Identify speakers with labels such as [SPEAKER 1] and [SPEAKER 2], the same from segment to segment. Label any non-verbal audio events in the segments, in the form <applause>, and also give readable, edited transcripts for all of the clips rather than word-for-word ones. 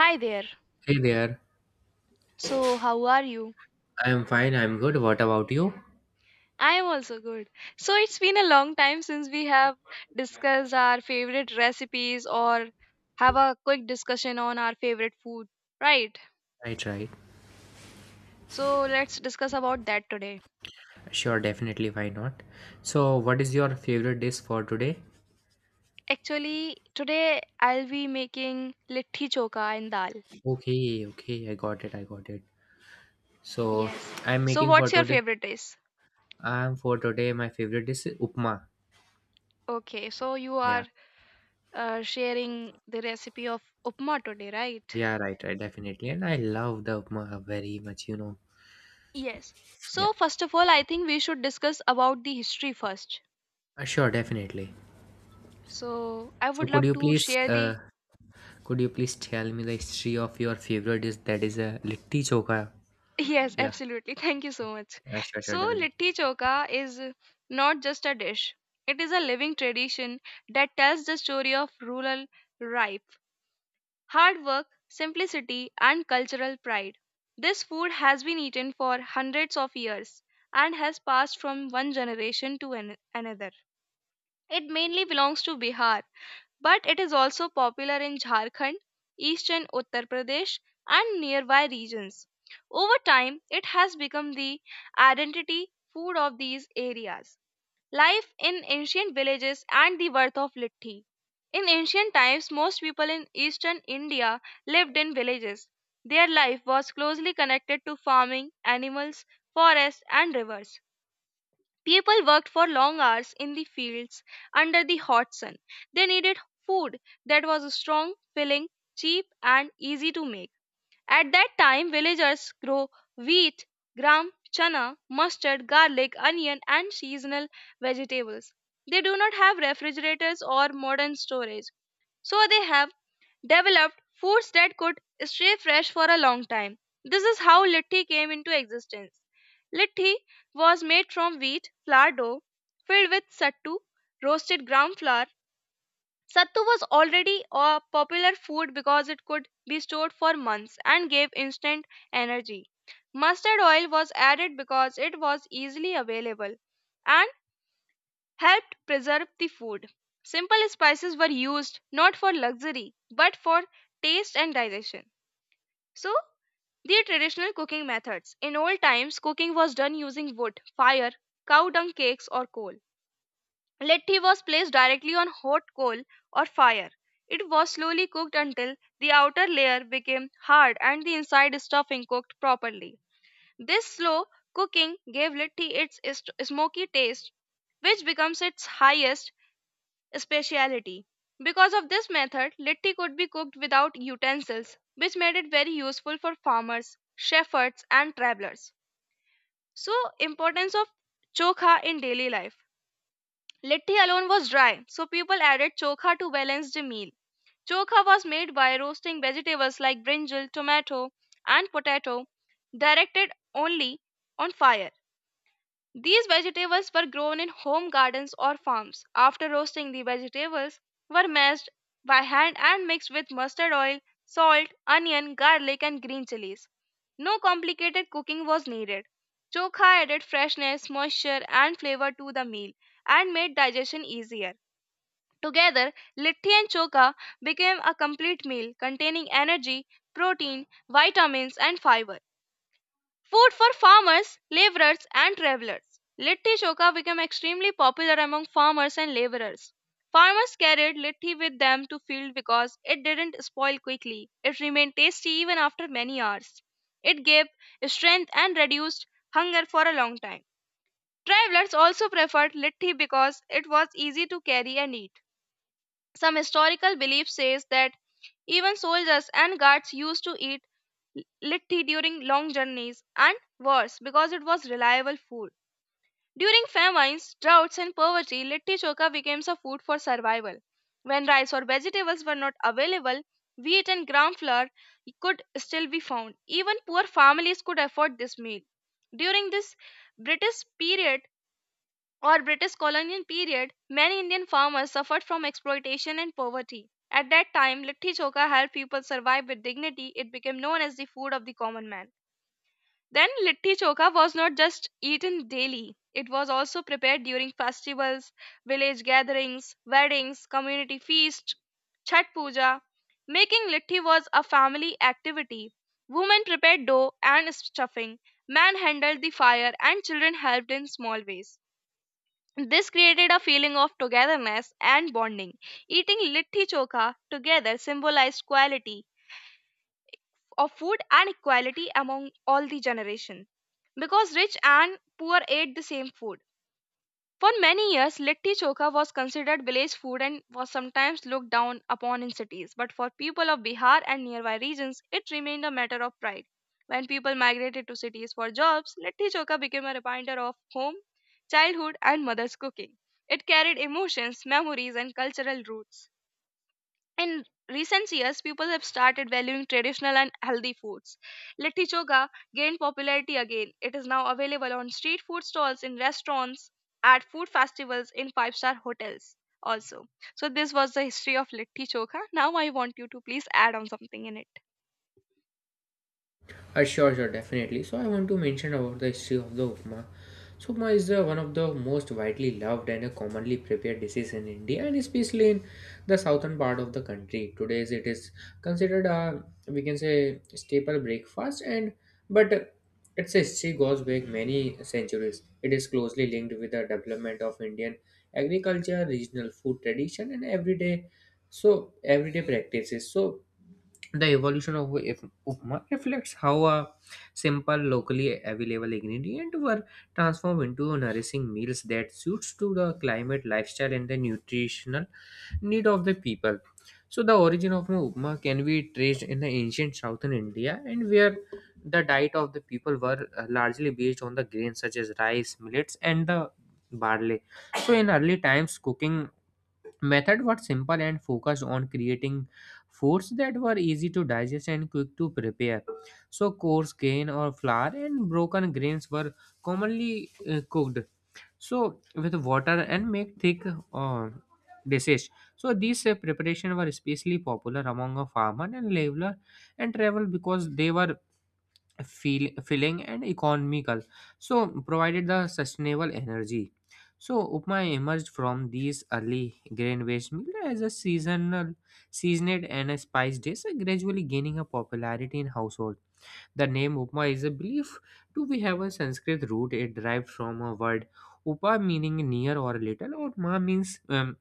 [SPEAKER 1] Hi there.
[SPEAKER 2] Hey there.
[SPEAKER 1] So, how are you?
[SPEAKER 2] I'm fine. I'm good. What about you?
[SPEAKER 1] I am also good. So, it's been a long time since we have discussed our favorite recipes or have a quick discussion on our favorite food, right?
[SPEAKER 2] Right, right.
[SPEAKER 1] So, let's discuss about that today.
[SPEAKER 2] Sure, definitely. Why not? So, what is your favorite dish for today?
[SPEAKER 1] Actually, today I'll be making litti choka and dal.
[SPEAKER 2] Okay, okay. I got it. I got it. So,
[SPEAKER 1] Yes.
[SPEAKER 2] I'm
[SPEAKER 1] So,
[SPEAKER 2] making for
[SPEAKER 1] what's your
[SPEAKER 2] today.
[SPEAKER 1] favorite dish?
[SPEAKER 2] I'm for today. My favorite dish is upma.
[SPEAKER 1] Okay, so you are
[SPEAKER 2] Yeah.
[SPEAKER 1] sharing the recipe of upma today, right?
[SPEAKER 2] Yeah, right, right. Definitely. And I love the upma very much, you know.
[SPEAKER 1] Yes.
[SPEAKER 2] Yeah.
[SPEAKER 1] So first of all, I think we should discuss about the history first.
[SPEAKER 2] Sure, definitely.
[SPEAKER 1] So I
[SPEAKER 2] So,
[SPEAKER 1] would love to share the
[SPEAKER 2] could you please tell me the history of your favorite dish that is a litti choka?
[SPEAKER 1] <laughs> Yes,
[SPEAKER 2] Yeah.
[SPEAKER 1] absolutely. Thank you so much.
[SPEAKER 2] Sure,
[SPEAKER 1] So
[SPEAKER 2] sure, definitely.
[SPEAKER 1] litti choka is not just a dish. It is a living tradition that tells the story of rural rife, hard work, simplicity and cultural pride. This food has been eaten for hundreds of years and has passed from one generation to another. It mainly belongs to Bihar but it is also popular in Jharkhand, eastern Uttar Pradesh, and nearby regions. Over time, it has become the identity food of these areas. Life in ancient villages and the birth of litti. In ancient times, most people in eastern India lived in villages. Their life was closely connected to farming, animals, forests, and rivers. People worked for long hours in the fields under the hot sun. They needed food that was strong, filling, cheap, and easy to make. At that time, villagers grow wheat, gram, chana, mustard, garlic, onion, and seasonal vegetables. They do not have refrigerators or modern storage. So they have developed foods that could stay fresh for a long time. This is how litti came into existence. Litti was made from wheat flour dough filled with sattu, roasted ground flour. Sattu was already a popular food because it could be stored for months and gave instant energy. Mustard oil was added because it was easily available, and helped preserve the food. Simple spices were used not for luxury but for taste and digestion. So, the traditional cooking methods. In old times, cooking was done using wood, fire, cow dung cakes, or coal. Letti was placed directly on hot coal or fire. It was slowly cooked until the outer layer became hard and the inside stuffing cooked properly. This slow cooking gave litti its smoky taste, which becomes its highest speciality. Because of this method, litti could be cooked without utensils, which made it very useful for farmers, shepherds, and travelers. So, importance of chokha in daily life. Litti alone was dry, so people added chokha to balance the meal. Chokha was made by roasting vegetables like brinjal, tomato, and potato, directed only on fire. These vegetables were grown in home gardens or farms. After roasting, the vegetables were mashed by hand and mixed with mustard oil, salt, onion, garlic, and green chilies. No complicated cooking was needed. Chokha added freshness, moisture, and flavor to the meal and made digestion easier. Together, litti and chokha became a complete meal containing energy, protein, vitamins, and fiber. Food for farmers, laborers, and travelers. Litti choka became extremely popular among farmers and laborers. Farmers carried litti with them to field because it didn't spoil quickly. It remained tasty even after many hours. It gave strength and reduced hunger for a long time. Travelers also preferred litti because it was easy to carry and eat. Some historical belief says that even soldiers and guards used to eat litti during long journeys and worse because it was reliable food. During famines, droughts, and poverty, litti choka became a food for survival. When rice or vegetables were not available, wheat and gram flour could still be found. Even poor families could afford this meal. During this British period, or British colonial period, many Indian farmers suffered from exploitation and poverty. At that time, litti choka helped people survive with dignity. It became known as the food of the common man. Then, litti choka was not just eaten daily, it was also prepared during festivals, village gatherings, weddings, community feasts, Chhat Puja. Making litti was a family activity. Women prepared dough and stuffing, men handled the fire, and children helped in small ways. This created a feeling of togetherness and bonding. Eating litti chokha together symbolized quality of food and equality among all the generation because rich and poor ate the same food. For many years, litti chokha was considered village food and was sometimes looked down upon in cities. But for people of Bihar and nearby regions, it remained a matter of pride. When people migrated to cities for jobs, litti chokha became a reminder of home, childhood, and mother's cooking. It carried emotions, memories, and cultural roots. In recent years, people have started valuing traditional and healthy foods. Litti choka gained popularity again. It is now available on street food stalls, in restaurants, at food festivals, in five-star hotels also. So this was the history of litti choka. Now I want you to please add on something in it.
[SPEAKER 2] Sure, sure, definitely. So I want to mention about the history of the upma. So upma is one of the most widely loved and commonly prepared dishes in India, and especially in the southern part of the country. Today it is considered a, we can say, staple breakfast, and but its history goes back many centuries. It is closely linked with the development of Indian agriculture, regional food tradition, and everyday practices. So the evolution of upma reflects how a simple, locally available ingredient were transformed into nourishing meals that suits to the climate, lifestyle, and the nutritional need of the people. So the origin of an upma can be traced in the ancient southern India, and where the diet of the people were largely based on the grains such as rice, millets, and the barley. So in early times, cooking method was simple and focused on creating foods that were easy to digest and quick to prepare. So coarse grain or flour and broken grains were commonly cooked so with water and make thick uh, dishes. So these preparation were especially popular among a farmer and laborer and travel, because they were filling and economical, so provided the sustainable energy. So upma emerged from these early grain based meal as a seasonal seasoned and a spice dish, gradually gaining a popularity in household. The name upma is a belief to be have a Sanskrit root. It derived from a word upa, meaning near or little, or ma, means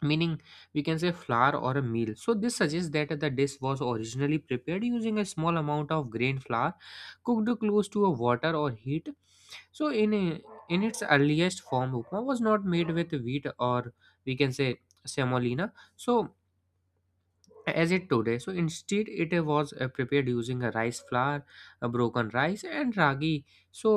[SPEAKER 2] meaning, we can say, flour or a meal. So this suggests that the dish was originally prepared using a small amount of grain flour cooked close to a water or heat. So in its earliest form, upma was not made with wheat or, we can say, semolina, so as it today. So instead it was prepared using a rice flour, a broken rice and ragi, so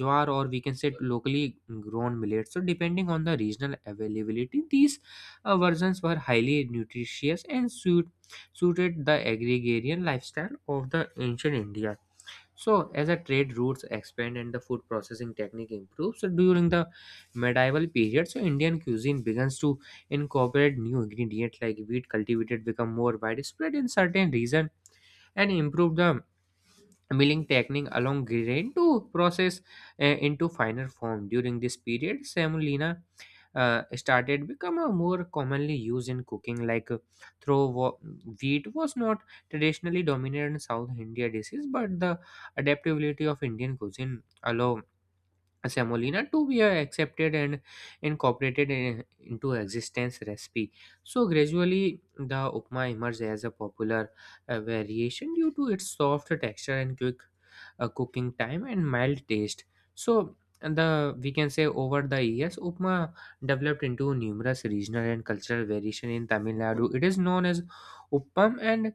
[SPEAKER 2] jowar, or we can say, locally grown millet. So depending on the regional availability, these versions were highly nutritious and suited the agrarian lifestyle of the ancient India. So, as the trade routes expand and the food processing technique improves, so during the medieval period, so Indian cuisine begins to incorporate new ingredients like wheat cultivated, become more widespread in certain regions, and improve the milling technique along grain to process into finer form. During this period, semolina started become a more commonly used in cooking, like through wa- wheat was not traditionally dominant in South India dishes, but the adaptability of Indian cuisine allow semolina to be accepted and incorporated into existence recipe. So gradually the upma emerged as a popular variation due to its soft texture and quick cooking time and mild taste. So and the, we can say, over the years, upma developed into numerous regional and cultural variation. In Tamil Nadu it is known as uppam, and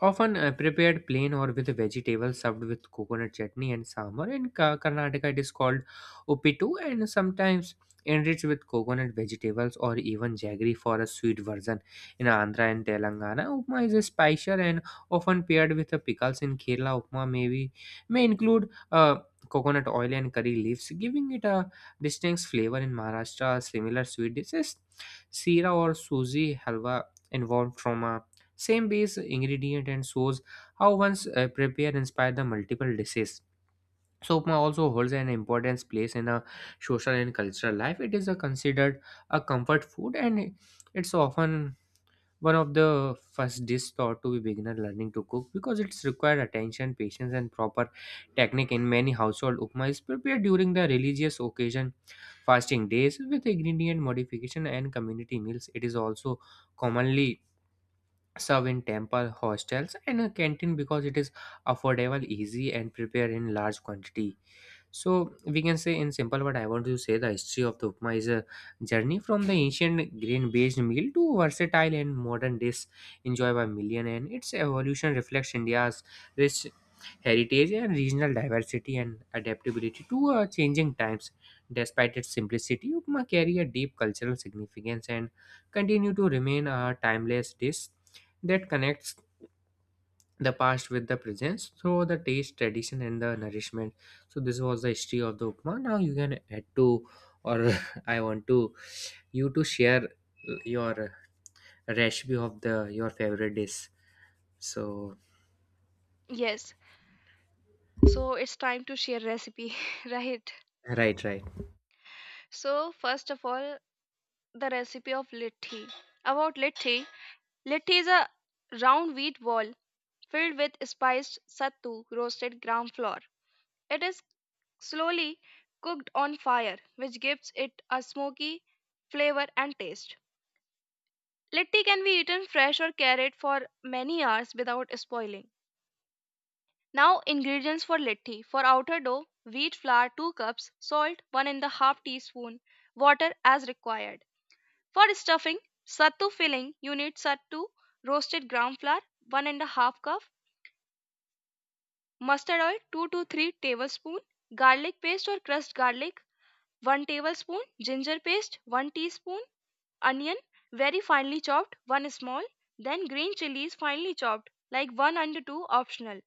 [SPEAKER 2] often prepared plain or with vegetables, served with coconut chutney and sambar. In Karnataka, it is called uppitu, and sometimes enriched with coconut vegetables or even jaggery for a sweet version. In Andhra and Telangana, upma is spicier and often paired with the pickles. In Kerala, upma may include coconut oil and curry leaves, giving it a distinct flavor. In Maharashtra, similar sweet dishes, sira or suji halwa, involved from a same base ingredient and shows how one's prepare inspire the multiple dishes. So upma also holds an importance place in a social and cultural life. It is a considered a comfort food, and it's often one of the first dish taught to be beginner learning to cook, because it's required attention, patience, and proper technique. In many household, upma is prepared during the religious occasion, fasting days with ingredient modification, and community meals. It is also commonly serve in temple, hostels, and a canteen because it is affordable, easy, and prepared in large quantity. So we can say in simple word, I want to say the history of the upma is a journey from the ancient grain-based meal to versatile and modern dish enjoyed by million, and its evolution reflects India's rich heritage and regional diversity and adaptability to changing times. Despite its simplicity, upma carry a deep cultural significance and continue to remain a timeless dish that connects the past with the present through the taste, tradition, and the nourishment. So this was the history of the upma. Now you can add to, or <laughs> I want to you to share your recipe of the your favorite dish. So
[SPEAKER 1] Yes, so it's time to share recipe, <laughs> right?
[SPEAKER 2] right, right.
[SPEAKER 1] So first of all, the recipe of litti. About litti, litti is a round wheat ball filled with spiced sattu, roasted ground flour. It is slowly cooked on fire, which gives it a smoky flavor and taste. Litti can be eaten fresh or carried for many hours without spoiling. Now, ingredients for litti. For outer dough, wheat flour 2 cups, salt 1 and a half teaspoon, water as required. For stuffing, sattu filling, you need sattu roasted ground flour 1 and a half cup, mustard oil 2 to 3 tablespoon, garlic paste or crushed garlic 1 tablespoon, ginger paste 1 teaspoon, onion very finely chopped 1 small, then green chilies finely chopped, like 1 and 2 optional,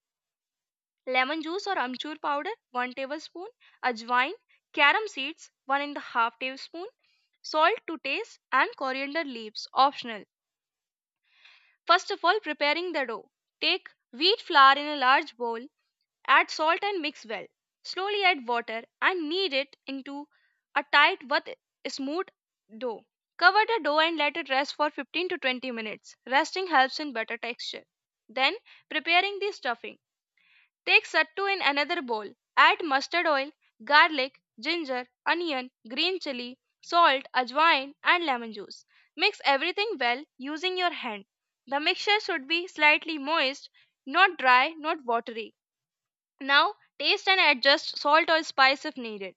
[SPEAKER 1] lemon juice or amchur powder 1 tablespoon, ajwain carom seeds 1 and a half tablespoon, salt to taste, and coriander leaves optional. First of all, preparing the dough. Take wheat flour in a large bowl. Add salt and mix well. Slowly add water and knead it into a tight but smooth dough. Cover the dough and let it rest for 15 to 20 minutes. Resting helps in better texture. Then, preparing the stuffing. Take sattu in another bowl. Add mustard oil, garlic, ginger, onion, green chili, salt, ajwain, and lemon juice. Mix everything well using your hand. The mixture should be slightly moist, not dry, not watery. Now, taste and adjust salt or spice if needed.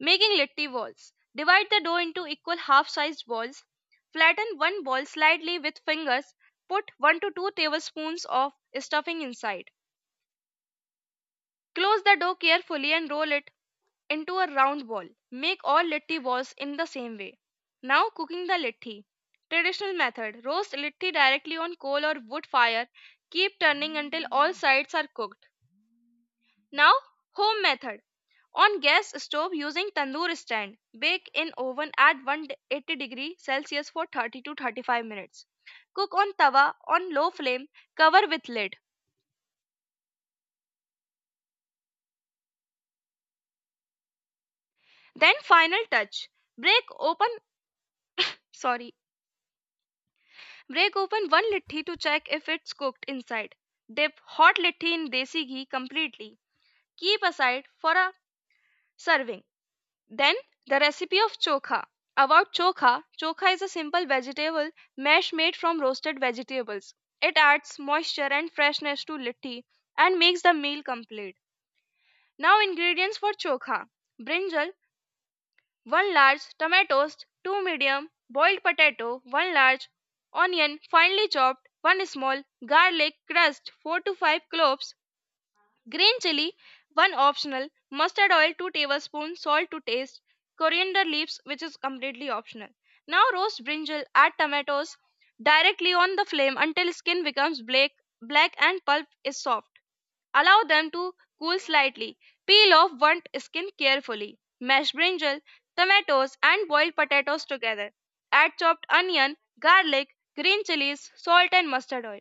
[SPEAKER 1] Making litti balls. Divide the dough into equal half-sized balls. Flatten one ball slightly with fingers. Put 1 to 2 tablespoons of stuffing inside. Close the dough carefully and roll it into a round ball. Make all litti balls in the same way. Now, cooking the litti. Traditional method. Roast litti directly on coal or wood fire. Keep turning until all sides are cooked. Now, home method. On gas stove using tandoor stand, bake in oven at 180-degree Celsius for 30 to 35 minutes. Cook on tawa on low flame, cover with lid. Then final touch. Break open, sorry, break open one litti to check if it's cooked inside. Dip hot litti in desi ghee completely. Keep aside for a serving. Then the recipe of chokha. About chokha, chokha is a simple vegetable mash made from roasted vegetables. It adds moisture and freshness to litti and makes the meal complete. Now ingredients for chokha. Brinjal 1 large, tomatoes 2 medium, boiled potato 1 large, onion finely chopped 1 small, garlic crushed 4 to 5 cloves, green chili 1 optional, mustard oil 2 tablespoons, salt to taste, coriander leaves which is completely optional. Now roast brinjal, add tomatoes directly on the flame until skin becomes black, black and pulp is soft. Allow them to cool slightly. Peel off burnt skin carefully. Mash brinjal, tomatoes, and boiled potatoes together. Add chopped onion, garlic, green chilies, salt, and mustard oil.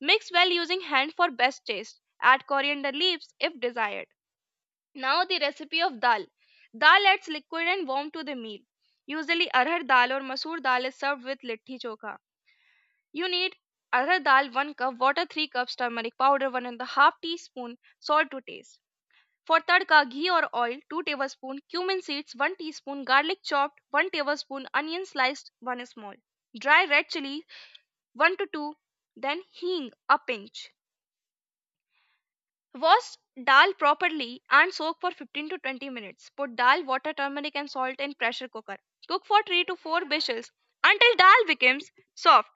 [SPEAKER 1] Mix well using hand for best taste. Add coriander leaves if desired. Now the recipe of dal. Dal adds liquid and warmth to the meal. Usually arhar dal or masoor dal is served with litti chokha. You need arhar dal 1 cup, water 3 cups, turmeric powder 1.5 teaspoon, salt to taste. For tadka, ghee or oil 2 tablespoon, cumin seeds 1 teaspoon, garlic chopped 1 tablespoon, onion sliced 1 small, dry red chili 1 to 2, then hing a pinch. Wash dal properly and soak for 15 to 20 minutes. Put dal, water, turmeric and salt in pressure cooker. Cook for 3 to 4 whistles until dal becomes soft.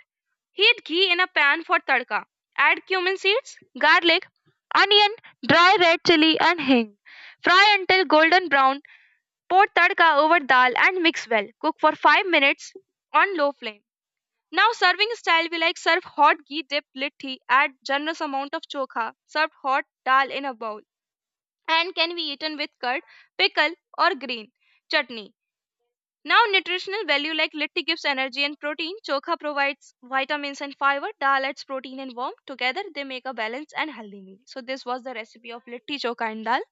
[SPEAKER 1] Heat ghee in a pan for tadka. Add cumin seeds, garlic, onion, dry red chili and hing. Fry until golden brown. Pour tadka over dal and mix well. Cook for 5 minutes on low flame. Now serving style, we like serve hot ghee dipped litti, add generous amount of chokha, serve hot dal in a bowl, and can be eaten with curd, pickle or green chutney. Now nutritional value, like, litti gives energy and protein, chokha provides vitamins and fiber, dal adds protein and warmth. Together they make a balanced and healthy meal. So this was the recipe of litti chokha and dal.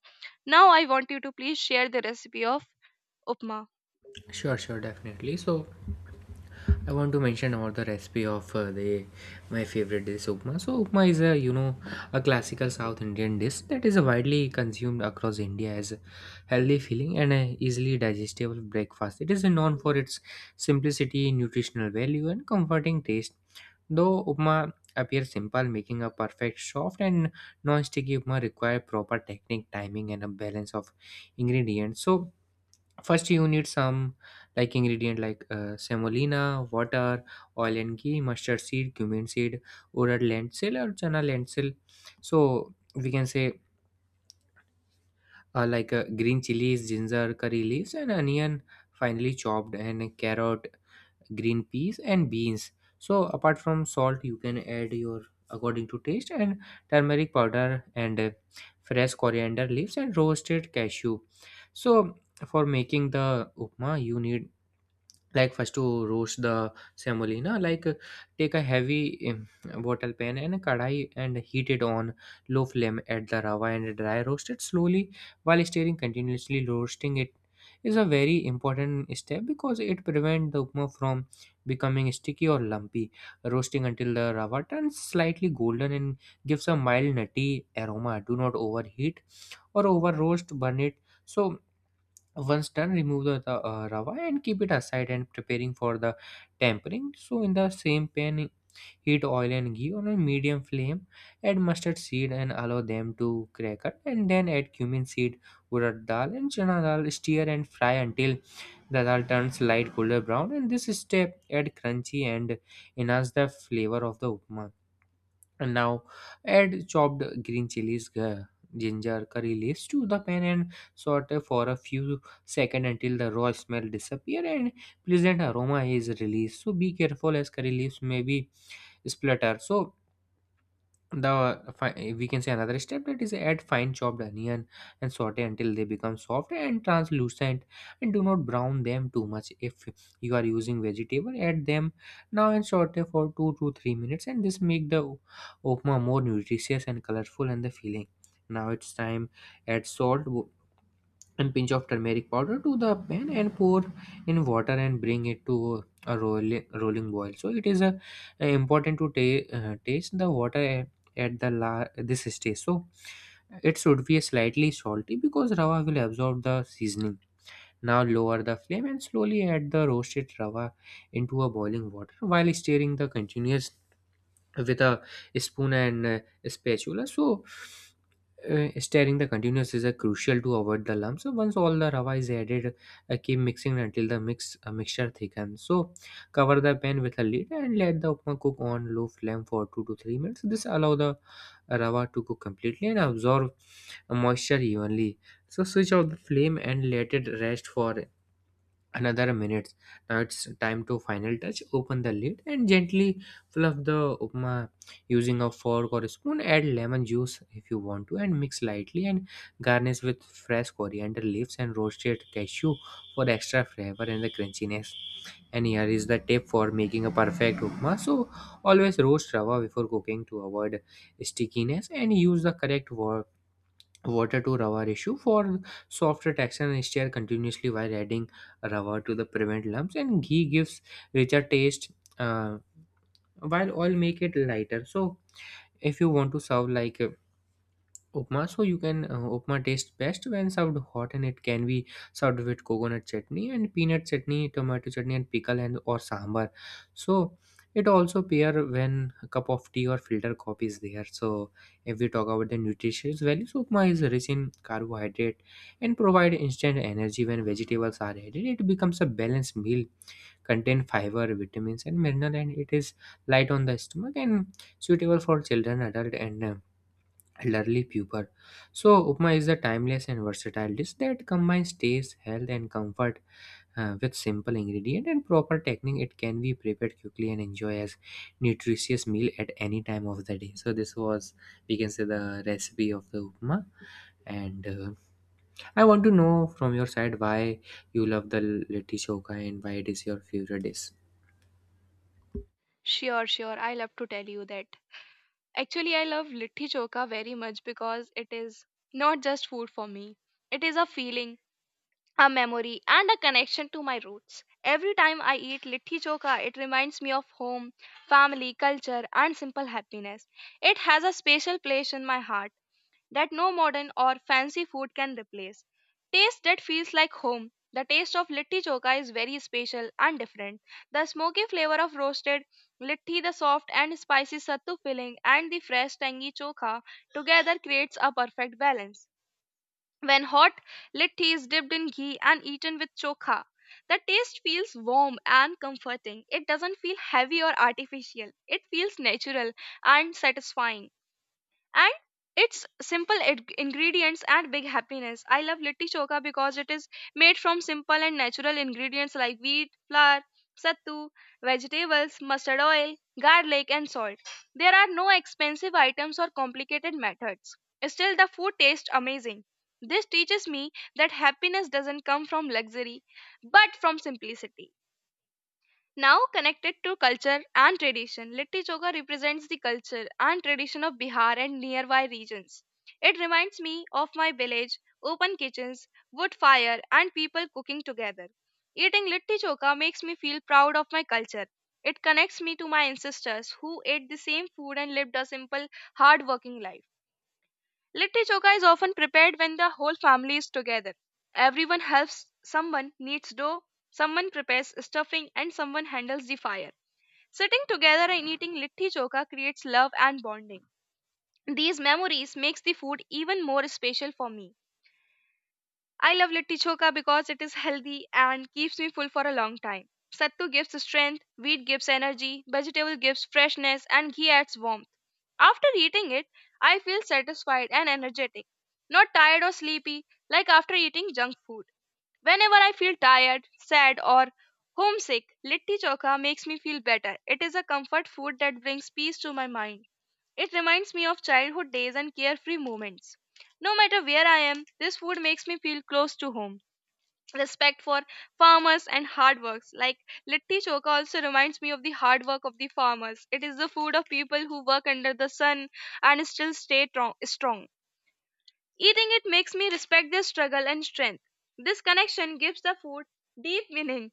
[SPEAKER 1] Now I want you to please share the recipe of upma.
[SPEAKER 2] Sure, sure, definitely. So, I want to mention about the recipe of the my favorite dish upma. So upma is, a you know, a classical South Indian dish that is widely consumed across India as a healthy, feeling, and a easily digestible breakfast. It is known for its simplicity, nutritional value, and comforting taste. Though upma appears simple, making a perfect soft and non-sticky upma require proper technique, timing, and a balance of ingredients. So first you need some like ingredient like semolina, water, oil and ghee, mustard seed, cumin seed, urad lentil or chana lentil. So, we can say, green chilies, ginger, curry leaves and onion, finely chopped, and carrot, green peas, and beans. So apart from salt, you can add your according to taste, and turmeric powder, and fresh coriander leaves and roasted cashew. So for making the upma, you need like first to roast the semolina. Like, take a heavy um, wattle pan and a kadai and heat it on low flame. Add the rava and dry roast it slowly while stirring continuously. Roasting it is a very important step because it prevents the upma from becoming sticky or lumpy. Roasting until the rava turns slightly golden and gives a mild nutty aroma. Do not overheat or over roast, burn it. So once done, remove the, the rava and keep it aside, and preparing for the tempering. So in the same pan, heat oil and ghee on a medium flame. Add mustard seed and allow them to crackle, and then add cumin seed, urad dal and chana dal. Stir and fry until the dal turns light golden brown, and this step add crunchy and enhance the flavor of the upma. And now add chopped green chilies, ginger, curry leaves to the pan, and saute for a few seconds until the raw smell disappear and pleasant aroma is released. So be careful as curry leaves may be splatter. So we can say another step, that is add fine chopped onion and saute until they become soft and translucent, and do not brown them too much. If you are using vegetable, add them now and saute for 2 to 3 minutes, and this make the upma more nutritious and colorful and the filling. Now it's time, add salt and pinch of turmeric powder to the pan, and pour in water and bring it to a rolling boil. So it is a, important to taste the water at this stage. So it should be slightly salty because rava will absorb the seasoning. Now lower the flame and slowly add the roasted rava into a boiling water while stirring the continuous with a spoon and spatula. So, stirring the continuous is crucial to avoid the lump. So, once all the rava is added, keep mixing until the mixture thickens. So, cover the pan with a lid and let the upma cook on low flame for 2 to 3 minutes. This allow the rava to cook completely and absorb moisture evenly. So, switch off the flame and let it rest for another minutes. Now it's time to final touch. Open the lid and gently fluff the upma using a fork or a spoon, add lemon juice if you want to and mix lightly, and garnish with fresh coriander leaves and roasted cashew for extra flavor and the crunchiness. And here is the tip for making a perfect upma. So always roast rava before cooking to avoid stickiness and use the correct water to rubber issue for softer texture, stir continuously while adding rubber to the prevent lumps, and ghee gives richer taste, uh, while oil make it lighter. So if you want to serve like Upma, so you can upma tastes best when served hot, and it can be served with coconut chutney and peanut chutney, tomato chutney, and pickle and or sambar. So it also pair when a cup of tea or filter coffee is there. So if we talk about the nutritious value, so upma is rich in carbohydrate and provide instant energy. When vegetables are added, it becomes a balanced meal, contain fiber, vitamins, and mineral, and it is light on the stomach and suitable for children, adult, and elderly people. So, upma is a timeless and versatile dish that combines taste, health, and comfort with simple ingredient and proper technique. It can be prepared quickly and enjoy as nutritious meal at any time of the day. So, this was we can say the recipe of the upma. And I want to know from your side why you love the litti choka and why it is your favorite dish.
[SPEAKER 1] Sure, sure. I love to tell you that. Actually, I love litti choka very much because it is not just food for me. It is a feeling, a memory, and a connection to my roots. Every time I eat litti choka, it reminds me of home, family, culture, and simple happiness. It has a special place in my heart that no modern or fancy food can replace. Taste that feels like home. The taste of litti choka is very special and different. The smoky flavor of roasted litti, the soft and spicy sattu filling, and the fresh tangy choka together creates a perfect balance. When hot, litti is dipped in ghee and eaten with choka. The taste feels warm and comforting. It doesn't feel heavy or artificial. It feels natural and satisfying, and it's simple ingredients and big happiness. I love litti choka because it is made from simple and natural ingredients like wheat flour, sattu, vegetables, mustard oil, garlic, and salt. There are no expensive items or complicated methods, still the food tastes amazing. This teaches me that happiness doesn't come from luxury but from simplicity. Now, connected to culture and tradition, Litti Choka represents the culture and tradition of Bihar and nearby regions. It reminds me of my village, open kitchens, wood fire, and people cooking together. Eating Litti Choka makes me feel proud of my culture. It connects me to my ancestors who ate the same food and lived a simple, hard working life. Litti Choka is often prepared when the whole family is together. Everyone helps, someone kneads dough, someone prepares stuffing, and someone handles the fire. Sitting together and eating litti choka creates love and bonding. These memories makes the food even more special for me. I love litti choka because it is healthy and keeps me full for a long time. Sattu gives strength, wheat gives energy, vegetable gives freshness, and ghee adds warmth. After eating it, I feel satisfied and energetic, not tired or sleepy like after eating junk food. Whenever I feel tired, sad, or homesick, litti chokha makes me feel better. It is a comfort food that brings peace to my mind. It reminds me of childhood days and carefree moments. No matter where I am, this food makes me feel close to home. Respect for farmers and hard works. Like, litti chokha also reminds me of the hard work of the farmers. It is the food of people who work under the sun and still stay strong. Eating it makes me respect their struggle and strength. This connection gives the food deep meaning.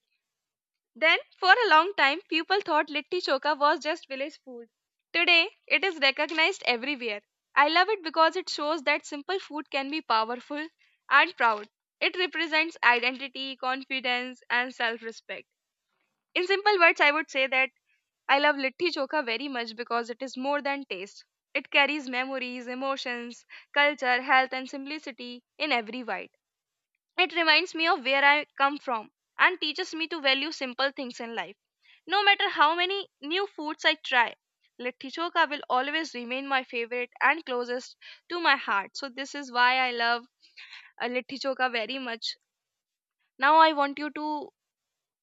[SPEAKER 1] Then, for a long time, people thought litti choka was just village food. Today, it is recognized everywhere. I love it because it shows that simple food can be powerful and proud. It represents identity, confidence, and self respect. In simple words, I would say that I love litti chokha very much because it is more than taste. It carries memories, emotions, culture, health, and simplicity in every bite. It reminds me of where I come from and teaches me to value simple things in life. No matter how many new foods I try, litti chokha will always remain my favorite and closest to my heart. So, this is why I love litti chokha very much. Now, I want you to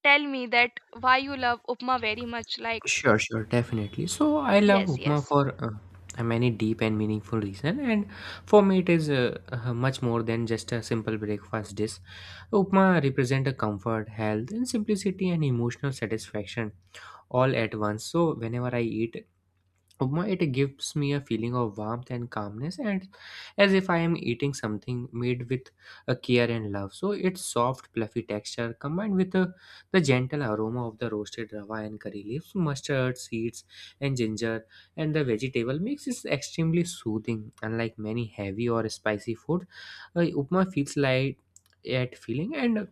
[SPEAKER 1] tell me that why you love upma very much. Like,
[SPEAKER 2] Sure, sure, definitely. So I love
[SPEAKER 1] yes,
[SPEAKER 2] upma
[SPEAKER 1] yes.
[SPEAKER 2] for a many deep and meaningful reason, and for me it is much more than just a simple breakfast dish. Upma represent a comfort, health, and simplicity and emotional satisfaction all at once. So whenever I eat Upma, it gives me a feeling of warmth and calmness, and as if I am eating something made with a care and love. So its soft, fluffy texture combined with the gentle aroma of the roasted rava and curry leaves, mustard seeds, and ginger, and the vegetable makes it extremely soothing. Unlike many heavy or spicy food, upma feels light yet feeling, and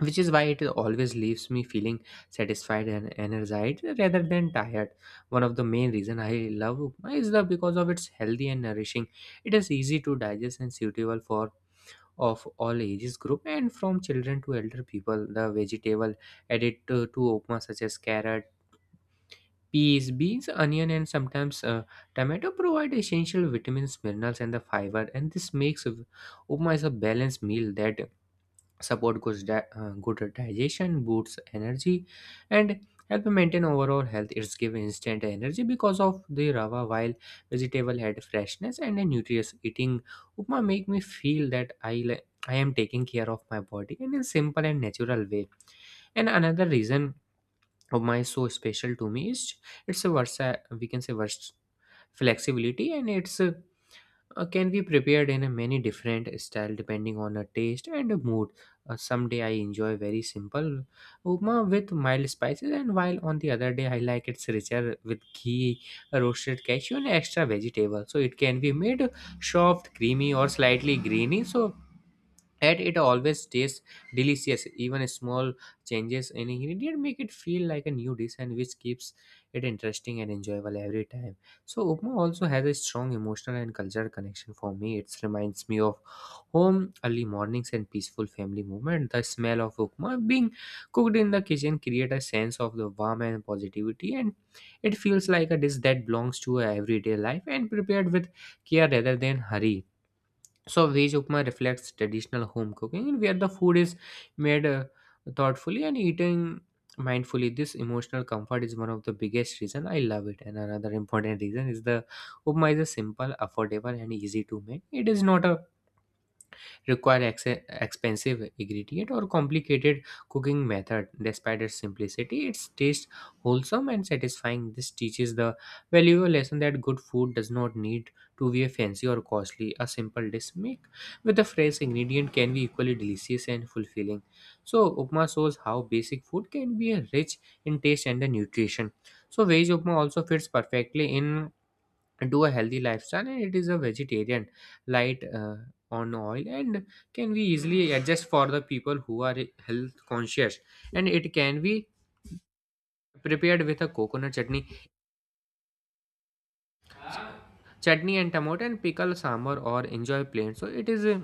[SPEAKER 2] which is why it always leaves me feeling satisfied and energized rather than tired. One of the main reason I love upma is the because of its healthy and nourishing. It is easy to digest and suitable for of all ages group, and from children to elder people. The vegetable added to upma, such as carrot, peas, beans, onion, and sometimes tomato, provide essential vitamins, minerals, and the fiber, and this makes upma is a balanced meal that support good digestion, boosts energy, and help maintain overall health. It's give instant energy because of the rava, while vegetable had freshness and a nutritious eating. Upma make me feel that I am taking care of my body in a simple and natural way. And another reason of my so special to me is it's a versa, we can say flexibility, and it's a can be prepared in a many different style depending on a taste and a mood. Someday I enjoy very simple upma with mild spices, and while on the other day I like it's richer with ghee, roasted cashew, and extra vegetable. So it can be made soft, creamy, or slightly greeny. So and it always tastes delicious. Even small changes in ingredient make it feel like a new dish and which keeps it interesting and enjoyable every time. So upma also has a strong emotional and cultural connection for me. It reminds me of home, early mornings, and peaceful family movement. The smell of upma being cooked in the kitchen create a sense of the warmth and positivity, and it feels like a dish that belongs to everyday life and prepared with care rather than hurry. So veg upma reflects traditional home cooking where the food is made thoughtfully and eaten mindfully. This emotional comfort is one of the biggest reason I love it. And another important reason is the upma is a simple, affordable and easy to make. It is not a require expensive ingredient or complicated cooking method. Despite its simplicity, its taste wholesome and satisfying. This teaches the valuable lesson that good food does not need to be fancy or costly. A simple dish make with a fresh ingredient can be equally delicious and fulfilling. So upma shows how basic food can be rich in taste and the nutrition. So veg upma also fits perfectly in do a healthy lifestyle, and it is a vegetarian, light on oil, and can be easily adjust for the people who are health conscious, and it can be prepared with a coconut chutney and tomato and pickle sambar or enjoy plain. So it is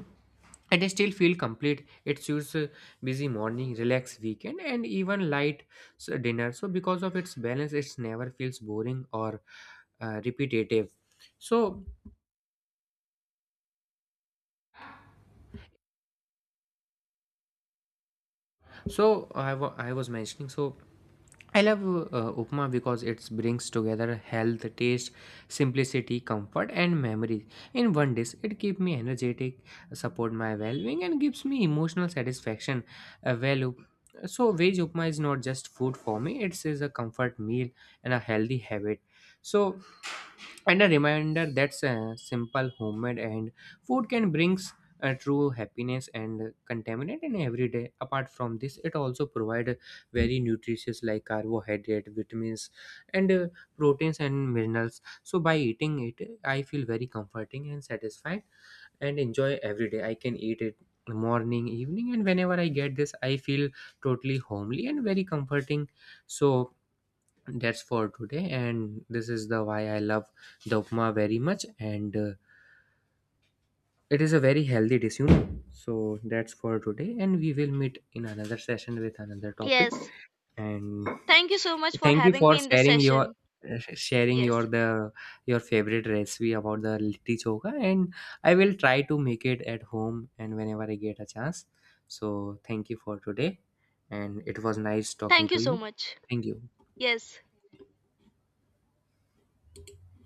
[SPEAKER 2] and I still feel complete. It suits a busy morning, relaxed weekend, and even light dinner. So because of its balance, it never feels boring or repetitive. So So I was mentioning, so I love upma because it brings together health, taste, simplicity, comfort, and memories in one dish. It keeps me energetic, support my well-being, and gives me emotional satisfaction. Value. So veg upma is not just food for me; it is a comfort meal and a healthy habit. So and a reminder that's simple homemade and food can brings true happiness and contaminant in every day. Apart from this, it also provide very nutritious like carbohydrate, vitamins, and proteins and minerals. So by eating it I feel very comforting and satisfied and enjoy every day. I can eat it morning, evening, and whenever I get this I feel totally homely and very comforting. So that's for today, and this is the why I love the upma very much, and it is a very healthy dish, you know. So that's for today and we will meet in another session with another topic.
[SPEAKER 1] Yes.
[SPEAKER 2] And
[SPEAKER 1] Thank you so much for
[SPEAKER 2] thank you
[SPEAKER 1] having
[SPEAKER 2] for
[SPEAKER 1] me in this session.
[SPEAKER 2] sharing
[SPEAKER 1] Yes.
[SPEAKER 2] your the your favorite recipe about the litti choka, and I will try to make it at home and whenever I get a chance. So thank you for today, and it was nice talking
[SPEAKER 1] Thank
[SPEAKER 2] to
[SPEAKER 1] you so
[SPEAKER 2] you.
[SPEAKER 1] much.
[SPEAKER 2] Thank you.
[SPEAKER 1] Yes.